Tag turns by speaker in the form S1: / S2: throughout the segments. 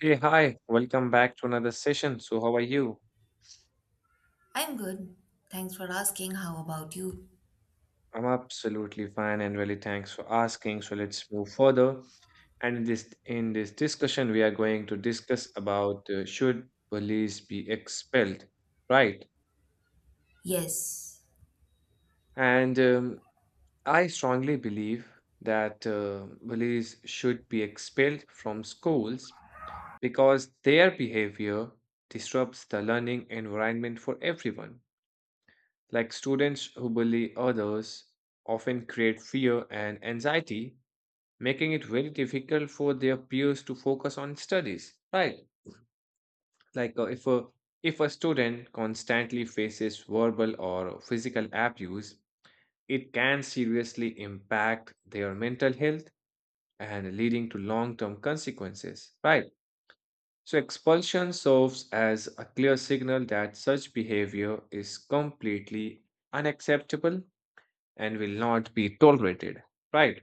S1: Hey, hi, welcome back to another session. So, how are you?
S2: I'm good. Thanks for asking. How about you?
S1: I'm absolutely fine and really thanks for asking. So, let's move further. And in this discussion, we are going to discuss about should police be expelled, right?
S2: Yes.
S1: And I strongly believe that police should be expelled from schools because their behavior disrupts the learning environment for everyone. Like students who bully others often create fear and anxiety, making it very difficult for their peers to focus on studies. Right? Like if a student constantly faces verbal or physical abuse, it can seriously impact their mental health and leading to long-term consequences. Right? So expulsion serves as a clear signal that such behavior is completely unacceptable and will not be tolerated, right?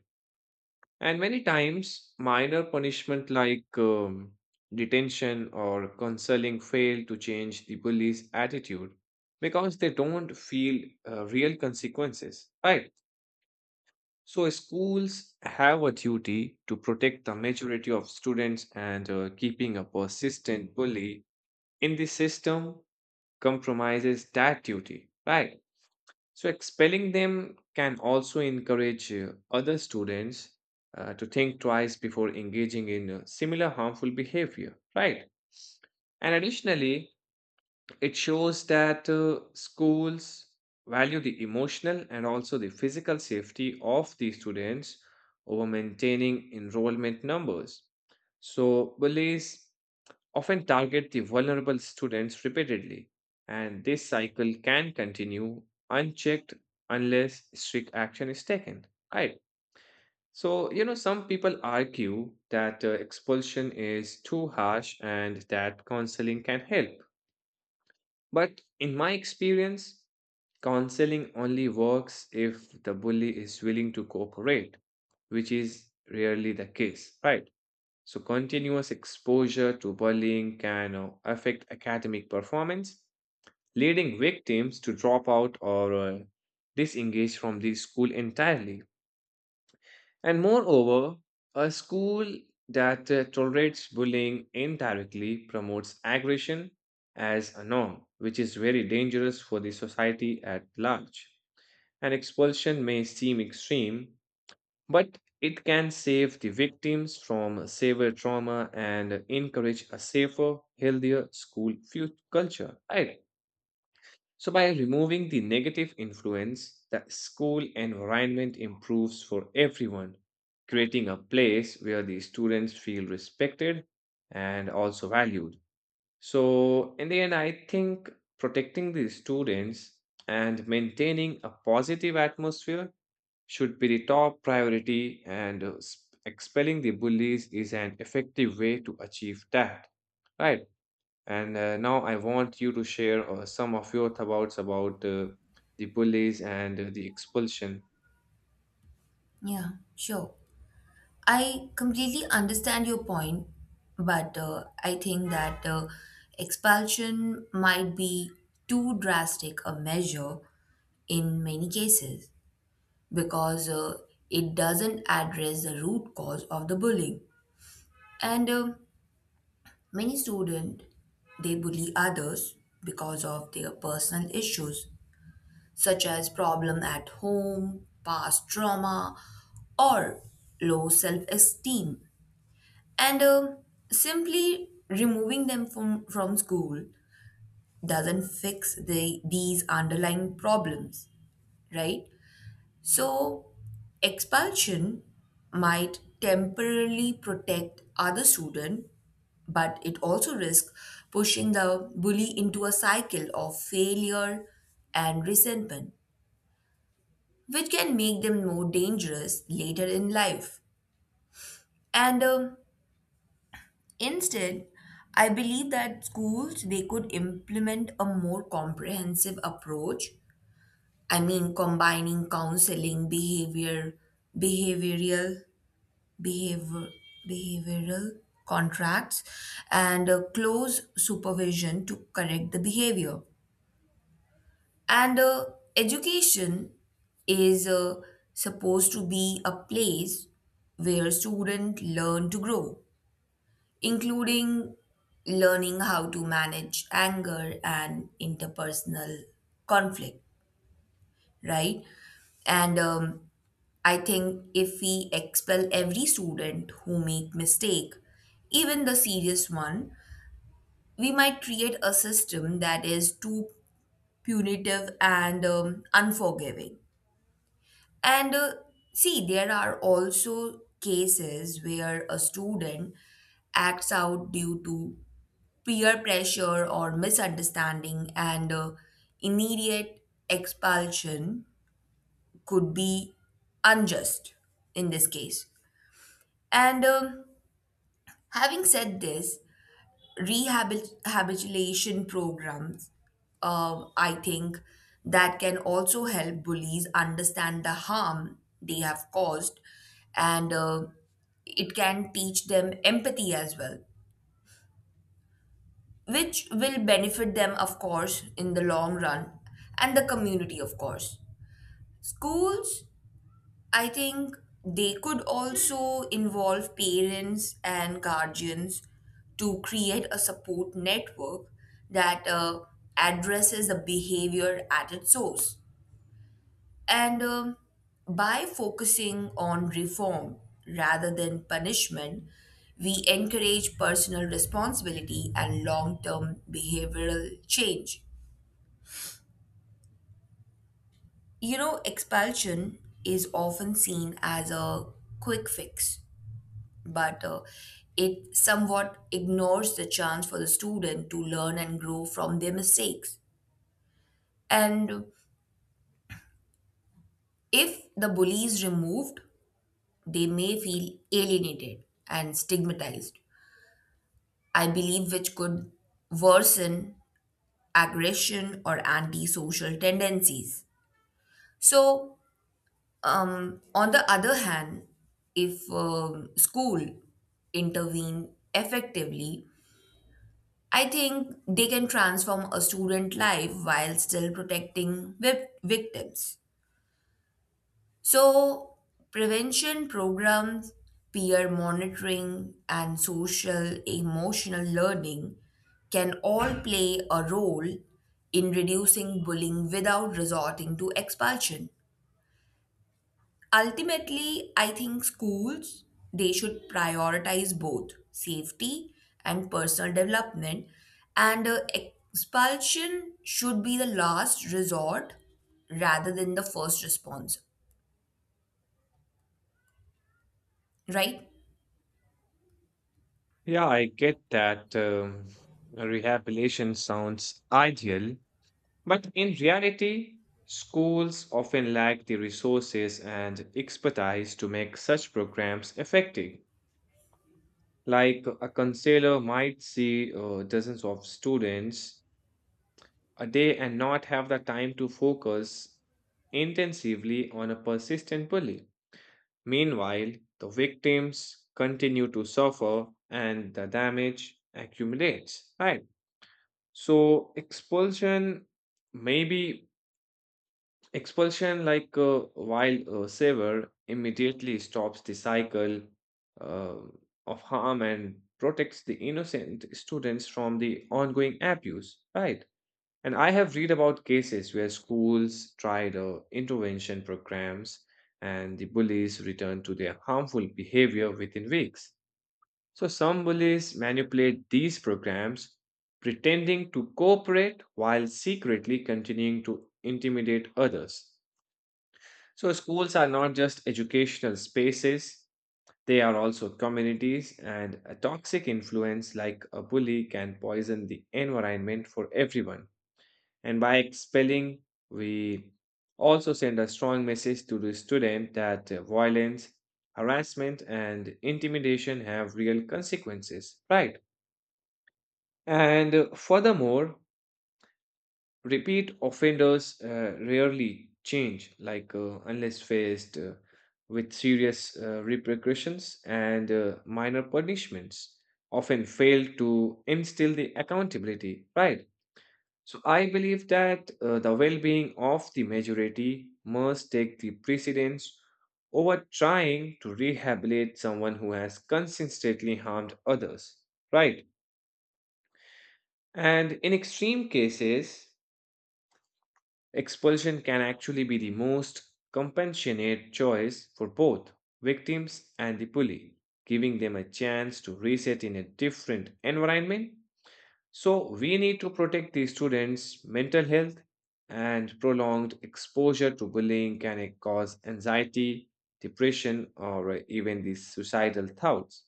S1: And many times, minor punishment like detention or counseling fail to change the bully's attitude because they don't feel real consequences, right? So, schools have a duty to protect the majority of students, and keeping a persistent bully in the system compromises that duty, right? So, expelling them can also encourage other students to think twice before engaging in similar harmful behavior, right? And additionally, it shows that schools value the emotional and also the physical safety of the students over maintaining enrollment numbers. So, bullies often target the vulnerable students repeatedly, and this cycle can continue unchecked unless strict action is taken. Right. So, you know, some people argue that expulsion is too harsh and that counseling can help. But in my experience, counseling only works if the bully is willing to cooperate, which is rarely the case, right? So, continuous exposure to bullying can affect academic performance, leading victims to drop out or disengage from the school entirely. And moreover, a school that tolerates bullying indirectly promotes aggression as a norm, which is very dangerous for the society at large. And expulsion may seem extreme, but it can save the victims from severe trauma and encourage a safer, healthier culture. Right. So, by removing the negative influence, the school environment improves for everyone, creating a place where the students feel respected and also valued. So, in the end, I think protecting the students and maintaining a positive atmosphere should be the top priority, and expelling the bullies is an effective way to achieve that, right? And now I want you to share some of your thoughts about the bullies and the expulsion.
S2: Yeah, sure. I completely understand your point, but I think that expulsion might be too drastic a measure in many cases because it doesn't address the root cause of the bullying. And Many students they bully others because of their personal issues such as problem at home, past trauma, or low self esteem. And Simply removing them from school doesn't fix these underlying problems, right? So, expulsion might temporarily protect other students, but it also risks pushing the bully into a cycle of failure and resentment, which can make them more dangerous later in life. And Instead, I believe that schools they could implement a more comprehensive approach. I mean, combining counseling, behavioral, behavior, behavioral contracts, and close supervision to correct the behavior. And Education is supposed to be a place where students learn to grow, including learning how to manage anger and interpersonal conflict, right? And I think if we expel every student who make mistake, even the serious one, we might create a system that is too punitive and unforgiving. And See, there are also cases where a student acts out due to peer pressure or misunderstanding, and immediate expulsion could be unjust in this case. And Having said this, rehabilitation programs, I think, that can also help bullies understand the harm they have caused and it can teach them empathy as well, which will benefit them, of course, in the long run and the community, of course. Schools, I think, they could also involve parents and guardians to create a support network that addresses the behavior at its source. And By focusing on reform rather than punishment, we encourage personal responsibility and long term behavioral change. You know, expulsion is often seen as a quick fix but it somewhat ignores the chance for the student to learn and grow from their mistakes. And if the bully is removed, they may feel alienated and stigmatized, I believe, which could worsen aggression or antisocial tendencies. So, on the other hand, if school intervene effectively, I think they can transform a student life while still protecting victims. So, prevention programs, peer monitoring, and social emotional learning can all play a role in reducing bullying without resorting to expulsion. Ultimately, I think schools they should prioritize both safety and personal development and expulsion should be the last resort rather than the first response, right?
S1: Yeah, I get that rehabilitation sounds ideal, but in reality, schools often lack the resources and expertise to make such programs effective. Like a counselor might see dozens of students a day and not have the time to focus intensively on a persistent bully. Meanwhile, the victims continue to suffer and the damage accumulates, right? So, maybe Expulsion, like a wild saver, immediately stops the cycle uh, of harm and protects the innocent students from the ongoing abuse, right? And I have read about cases where schools tried intervention programs and the bullies returned to their harmful behavior within weeks. So some bullies manipulate these programs, pretending to cooperate while secretly continuing to intimidate others. So, schools are not just educational spaces, they are also communities, and a toxic influence like a bully can poison the environment for everyone. And by expelling, we also send a strong message to the student that violence, harassment, and intimidation have real consequences, right? And furthermore, repeat offenders rarely change, like unless faced with serious repercussions and minor punishments, often fail to instill the accountability, right? So I believe that the well-being of the majority must take the precedence over trying to rehabilitate someone who has consistently harmed others, right? And in extreme cases, expulsion can actually be the most compassionate choice for both victims and the bully, giving them a chance to reset in a different environment. So, we need to protect the students' mental health, and prolonged exposure to bullying can cause anxiety, depression, or even the suicidal thoughts.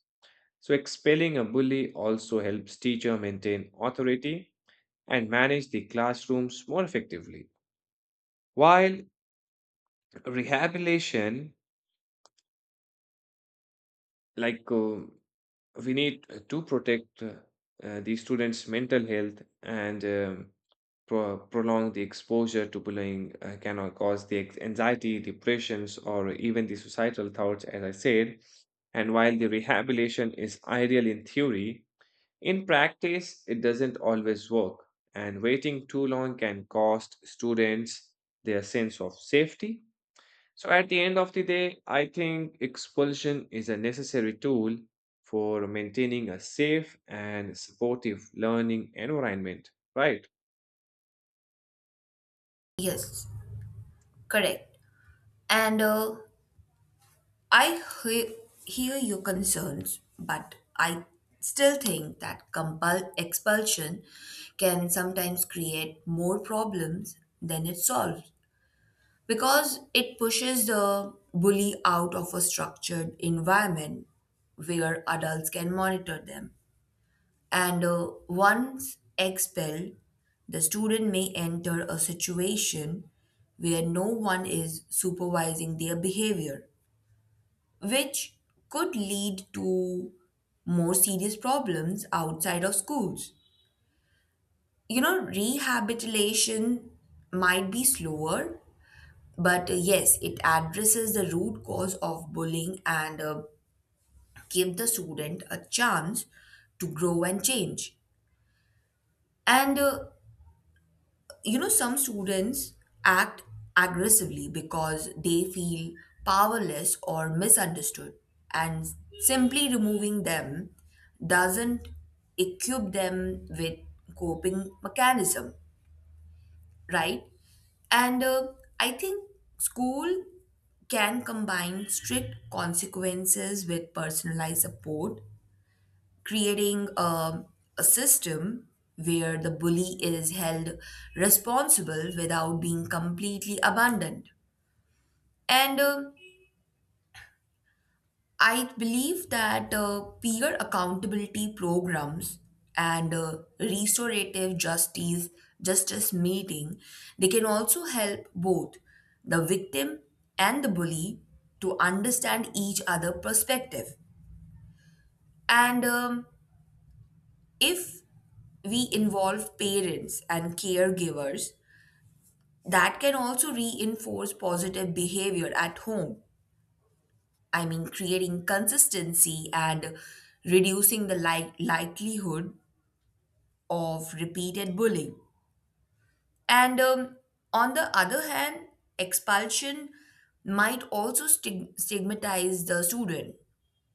S1: So, expelling a bully also helps teacher maintain authority and manage the classrooms more effectively while rehabilitation like we need to protect the students mental health and prolong the exposure to bullying can cause the anxiety depressions or even the suicidal thoughts as I said. And while the rehabilitation is ideal in theory, in practice it doesn't always work, and waiting too long can cost students their sense of safety. So at the end of the day, I think expulsion is a necessary tool for maintaining a safe and supportive learning environment, right?
S2: Yes, correct. And I hear your concerns, but I still think that expulsion can sometimes create more problems than it solves, because it pushes the bully out of a structured environment where adults can monitor them. And once expelled, the student may enter a situation where no one is supervising their behavior, which could lead to more serious problems outside of schools. You know, rehabilitation might be slower but yes it addresses the root cause of bullying and give the student a chance to grow and change and you know some students act aggressively because they feel powerless or misunderstood and simply removing them doesn't equip them with coping mechanism, right? And I think school can combine strict consequences with personalized support, creating a system where the bully is held responsible without being completely abandoned. And I believe that peer accountability programs and restorative justice meeting they can also help both the victim and the bully to understand each other perspective and if we involve parents and caregivers that can also reinforce positive behavior at home. I mean, creating consistency and reducing the likelihood of repeated bullying. And On the other hand, expulsion might also stigmatize the student,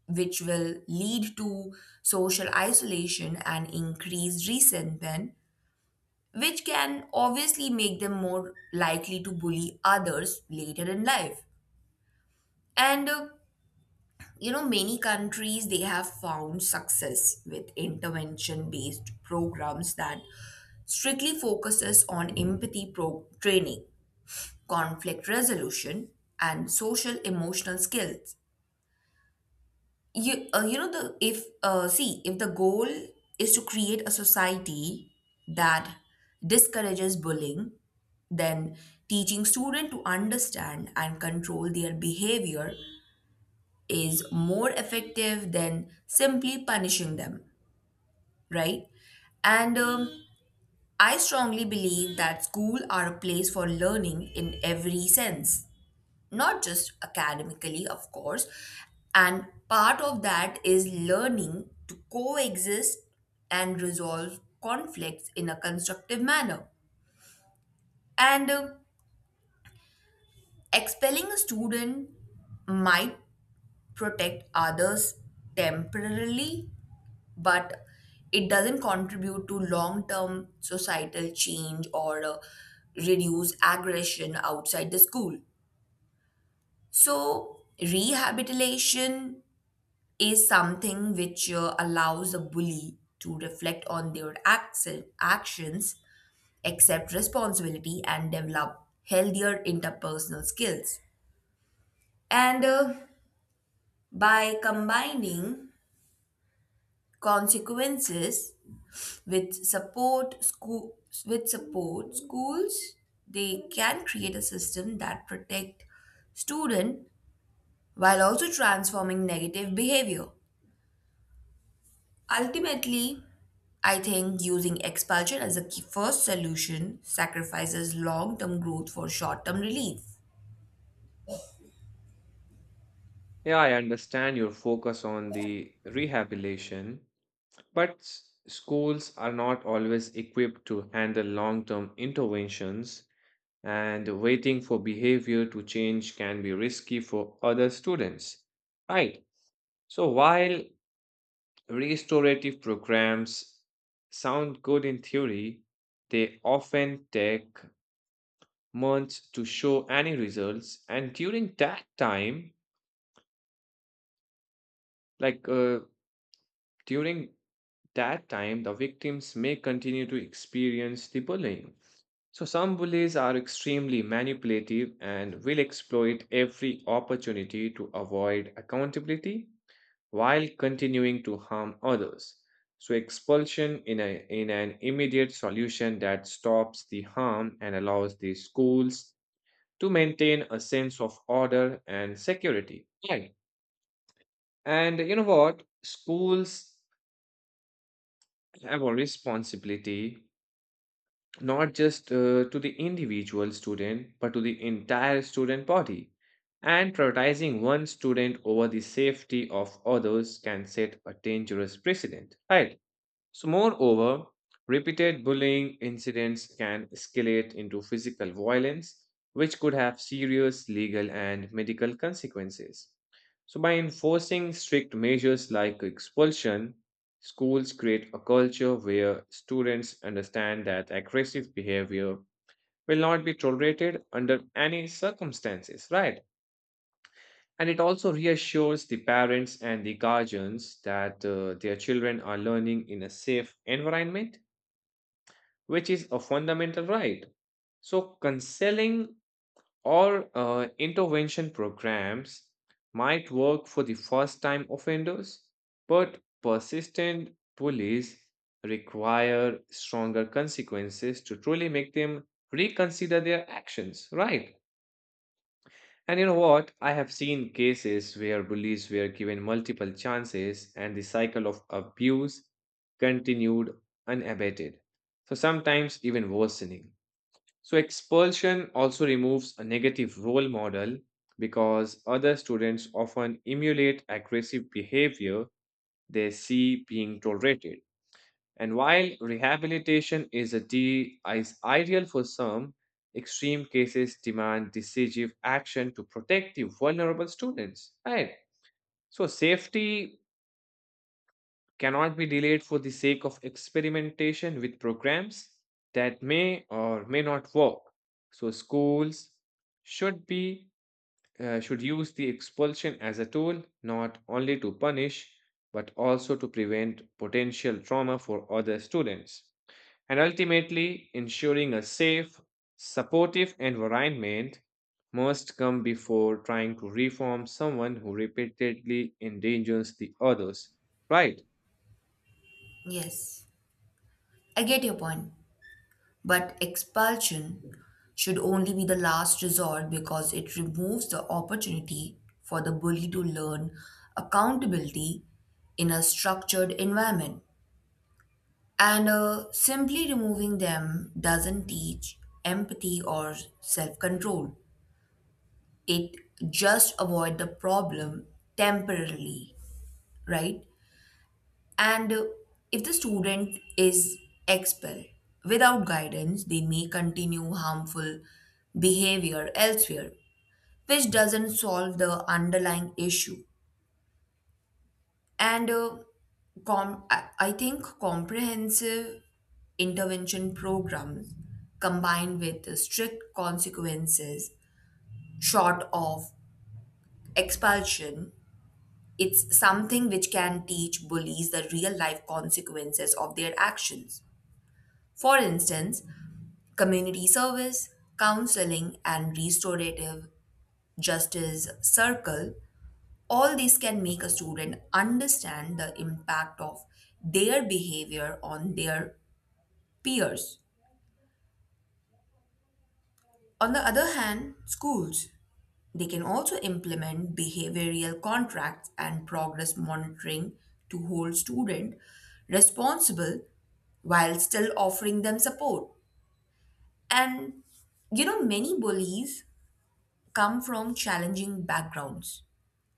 S2: which will lead to social isolation and increased resentment, which can obviously make them more likely to bully others later in life. And you know many countries they have found success with intervention based programs that strictly focuses on empathy training, conflict resolution and social emotional skills. You you know the if See, if the goal is to create a society that discourages bullying then teaching students to understand and control their behavior is more effective than simply punishing them, right? And I strongly believe that school are a place for learning in every sense, not just academically, of course. And part of that is learning to coexist and resolve conflicts in a constructive manner. And Expelling a student might protect others temporarily but it doesn't contribute to long term societal change or reduce aggression outside the school. So, rehabilitation is something which allows a bully to reflect on their actions, accept responsibility, and develop healthier interpersonal skills. And by combining consequences With support school with support schools, they can create a system that protect student while also transforming negative behavior. Ultimately, I think using expulsion as a key first solution sacrifices long-term growth for short-term relief.
S1: Yeah, I understand your focus on the rehabilitation, but schools are not always equipped to handle long-term interventions, and waiting for behavior to change can be risky for other students, right? So while restorative programs sound good in theory, they often take months to show any results, and during that time, like uh, during that time, the victims may continue to experience the bullying. So, some bullies are extremely manipulative and will exploit every opportunity to avoid accountability while continuing to harm others. So, expulsion in an immediate solution that stops the harm and allows the schools to maintain a sense of order and security. Right. And you know what? Schools have a responsibility not just to the individual student, but to the entire student body. And prioritizing one student over the safety of others can set a dangerous precedent. Right. So, moreover, repeated bullying incidents can escalate into physical violence, which could have serious legal and medical consequences. So, by enforcing strict measures like expulsion, schools create a culture where students understand that aggressive behavior will not be tolerated under any circumstances, right? And it also reassures the parents and the guardians that their children are learning in a safe environment which is a fundamental right. So, counseling or intervention programs might work for the first time offenders, but persistent bullies require stronger consequences to truly make them reconsider their actions, right? And you know what? I have seen cases where bullies were given multiple chances and the cycle of abuse continued unabated. So sometimes even worsening. So, expulsion also removes a negative role model because other students often emulate aggressive behavior they see being tolerated. And while rehabilitation is ideal for some, extreme cases demand decisive action to protect the vulnerable students. Right. So, safety cannot be delayed for the sake of experimentation with programs that may or may not work. So schools should be should use the expulsion as a tool not only to punish but also to prevent potential trauma for other students, and ultimately ensuring a safe, supportive environment must come before trying to reform someone who repeatedly endangers the others, right?
S2: Yes, I get your point. But expulsion should only be the last resort because it removes the opportunity for the bully to learn accountability in a structured environment. And simply removing them doesn't teach empathy or self control. It just avoid the problem temporarily, right? And if the student is expelled without guidance, they may continue harmful behavior elsewhere, which doesn't solve the underlying issue. And I think comprehensive intervention programs combined with the strict consequences short of expulsion it's something which can teach bullies the real life consequences of their actions, for instance community service, counseling, and restorative justice circle, all these can make a student understand the impact of their behavior on their peers. On the other hand, schools they can also implement behavioral contracts and progress monitoring to hold student responsible while still offering them support. And you know many bullies come from challenging backgrounds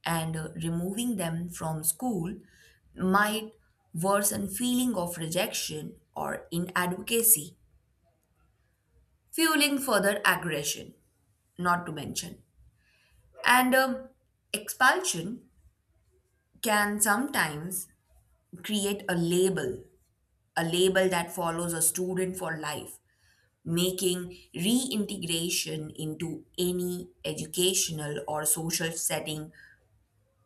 S2: and removing them from school might worsen feeling of rejection or inadvocacy, fueling further aggression, not to mention and expulsion can sometimes create a label, a label that follows a student for life making reintegration into any educational or social setting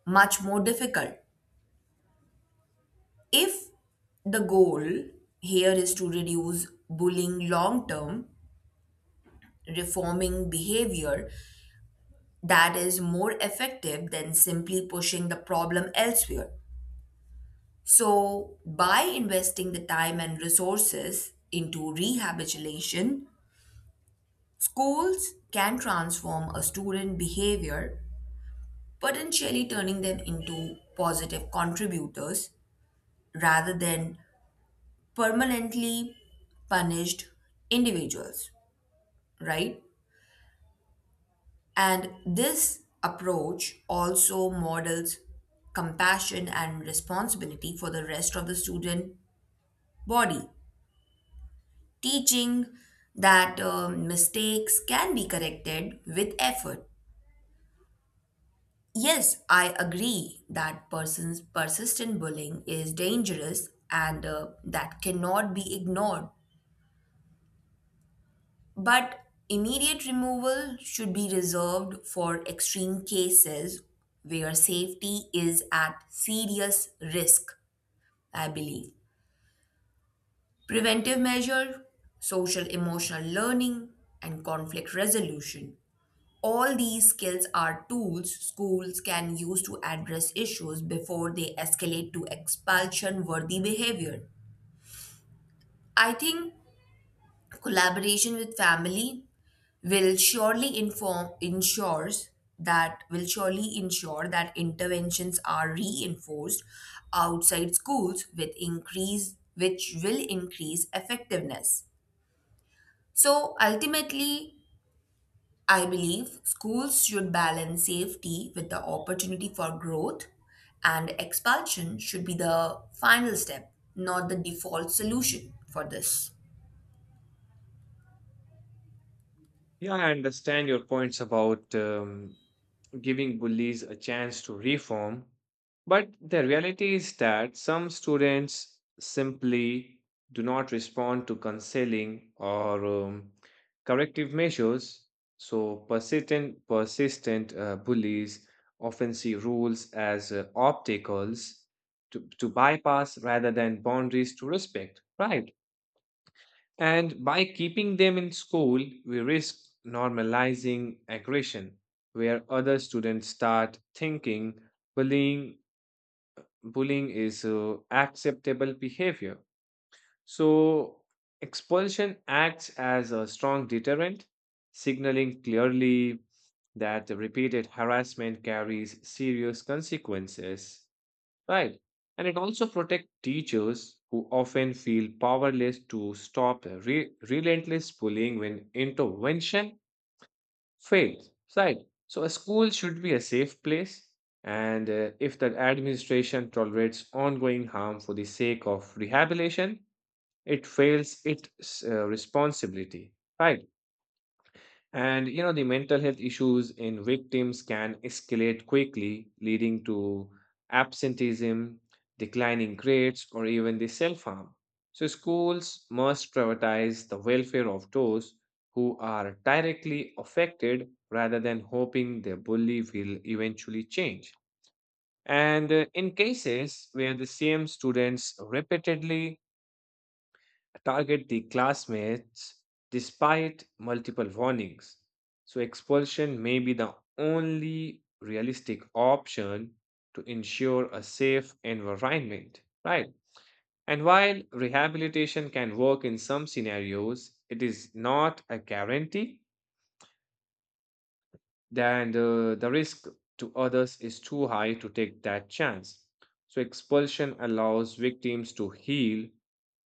S2: much more difficult. If the goal here is to reduce bullying long term, reforming behavior that is more effective than simply pushing the problem elsewhere. So, by investing the time and resources into rehabilitation, schools can transform a student behavior, potentially turning them into positive contributors rather than permanently punished individuals, right? And this approach also models compassion and responsibility for the rest of the student body, teaching that mistakes can be corrected with effort. Yes, I agree that persons persistent bullying is dangerous and that cannot be ignored. But immediate removal should be reserved for extreme cases where safety is at serious risk, I believe. Preventive measure, social emotional learning, and conflict resolution. All these skills are tools schools can use to address issues before they escalate to expulsion worthy behavior. I think collaboration with family will surely inform ensures that will surely ensure that interventions are reinforced outside schools with increase which will increase effectiveness. So ultimately I believe schools should balance safety with the opportunity for growth and expulsion should be the final step, not the default solution for this.
S1: Yeah, I understand your points about giving bullies a chance to reform, but the reality is that some students simply do not respond to counseling or corrective measures. So persistent bullies often see rules as obstacles to bypass rather than boundaries to respect, right? And by keeping them in school, we risk normalizing aggression, where other students start thinking bullying, bullying is acceptable behavior. So, expulsion acts as a strong deterrent, signaling clearly that repeated harassment carries serious consequences. Right. And it also protects teachers who often feel powerless to stop the relentless bullying when intervention fails. Right. So a school should be a safe place. And if the administration tolerates ongoing harm for the sake of rehabilitation, it fails its responsibility. Right. And you know, the mental health issues in victims can escalate quickly, leading to absenteeism, declining grades, or even the self-harm. So schools must prioritize the welfare of those who are directly affected rather than hoping their bully will eventually change. And in cases where the same students repeatedly target the classmates despite multiple warnings. So, expulsion may be the only realistic option to ensure a safe environment, right? And while rehabilitation can work in some scenarios, it is not a guarantee, then the risk to others is too high to take that chance. So, expulsion allows victims to heal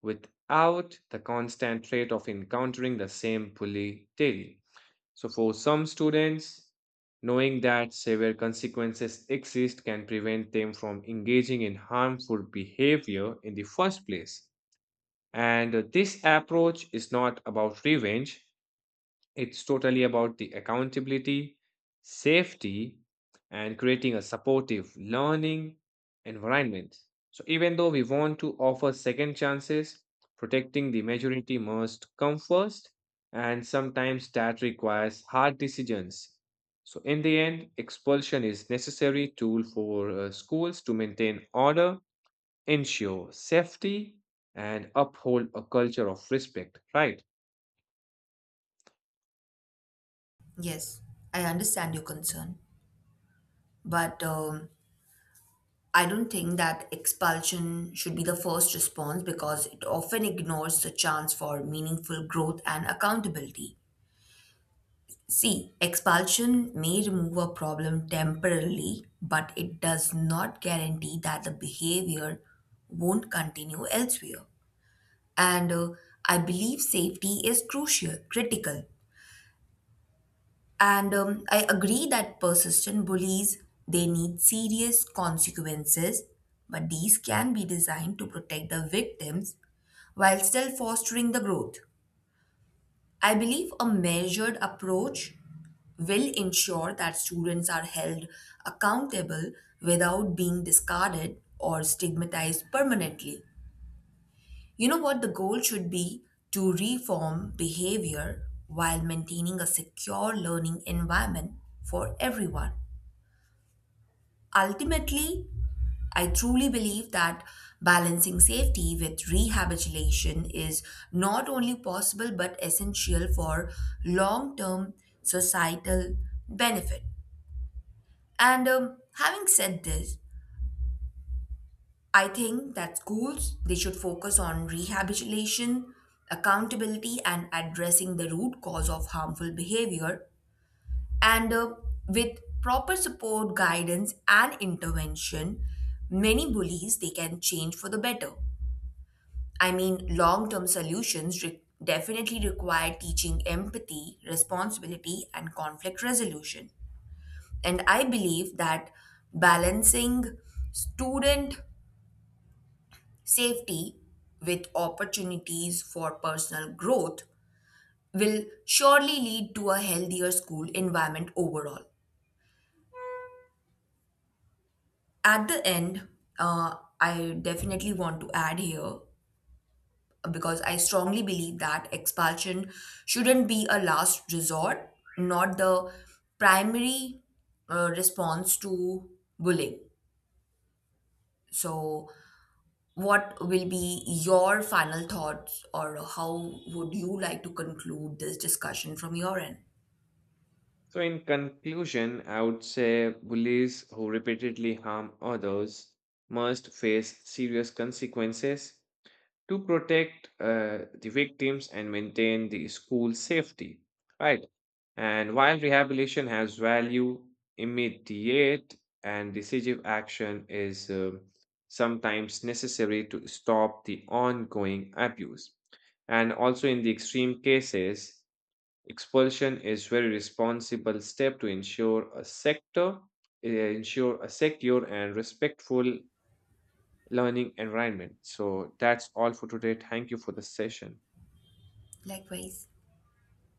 S1: without the constant threat of encountering the same bully daily. So, for some students, knowing that severe consequences exist can prevent them from engaging in harmful behavior in the first place. And this approach is not about revenge, it's totally about the accountability, safety, and creating a supportive learning environment. So, even though we want to offer second chances, protecting the majority must come first, and sometimes that requires hard decisions. So, in the end, expulsion is necessary tool for schools to maintain order, ensure safety, and uphold a culture of respect. Right.
S2: Yes, I understand your concern but I don't think that expulsion should be the first response because it often ignores the chance for meaningful growth and accountability. See, expulsion may remove a problem temporarily, but it does not guarantee that the behavior won't continue elsewhere. And I believe safety is critical. And I agree that persistent bullies they need serious consequences, but these can be designed to protect the victims while still fostering the growth. I believe a measured approach will ensure that students are held accountable without being discarded or stigmatized permanently. You know what? The goal should be to reform behavior while maintaining a secure learning environment for everyone. Ultimately, I truly believe that balancing safety with rehabilitation is not only possible but essential for long term societal benefit. And Having said this, I think that schools they should focus on rehabilitation, accountability and addressing the root cause of harmful behavior. And with proper support, guidance, and intervention, many bullies they can change for the better. I mean, long-term solutions definitely require teaching empathy, responsibility, and conflict resolution. And I believe that balancing student safety with opportunities for personal growth will surely lead to a healthier school environment overall. At the end, uh, I definitely want to add here because I strongly believe that expulsion shouldn't be a last resort, not the primary response to bullying. So, what will be your final thoughts, or how would you like to conclude this discussion from your end?
S1: So, in conclusion, I would say bullies who repeatedly harm others must face serious consequences to protect the victims and maintain the school safety, right? And while rehabilitation has value, immediate and decisive action is sometimes necessary to stop the ongoing abuse. And also, in the extreme cases, expulsion is very responsible step to ensure a ensure a secure and respectful learning environment. So that's all for today. Thank you for the session.
S2: Likewise.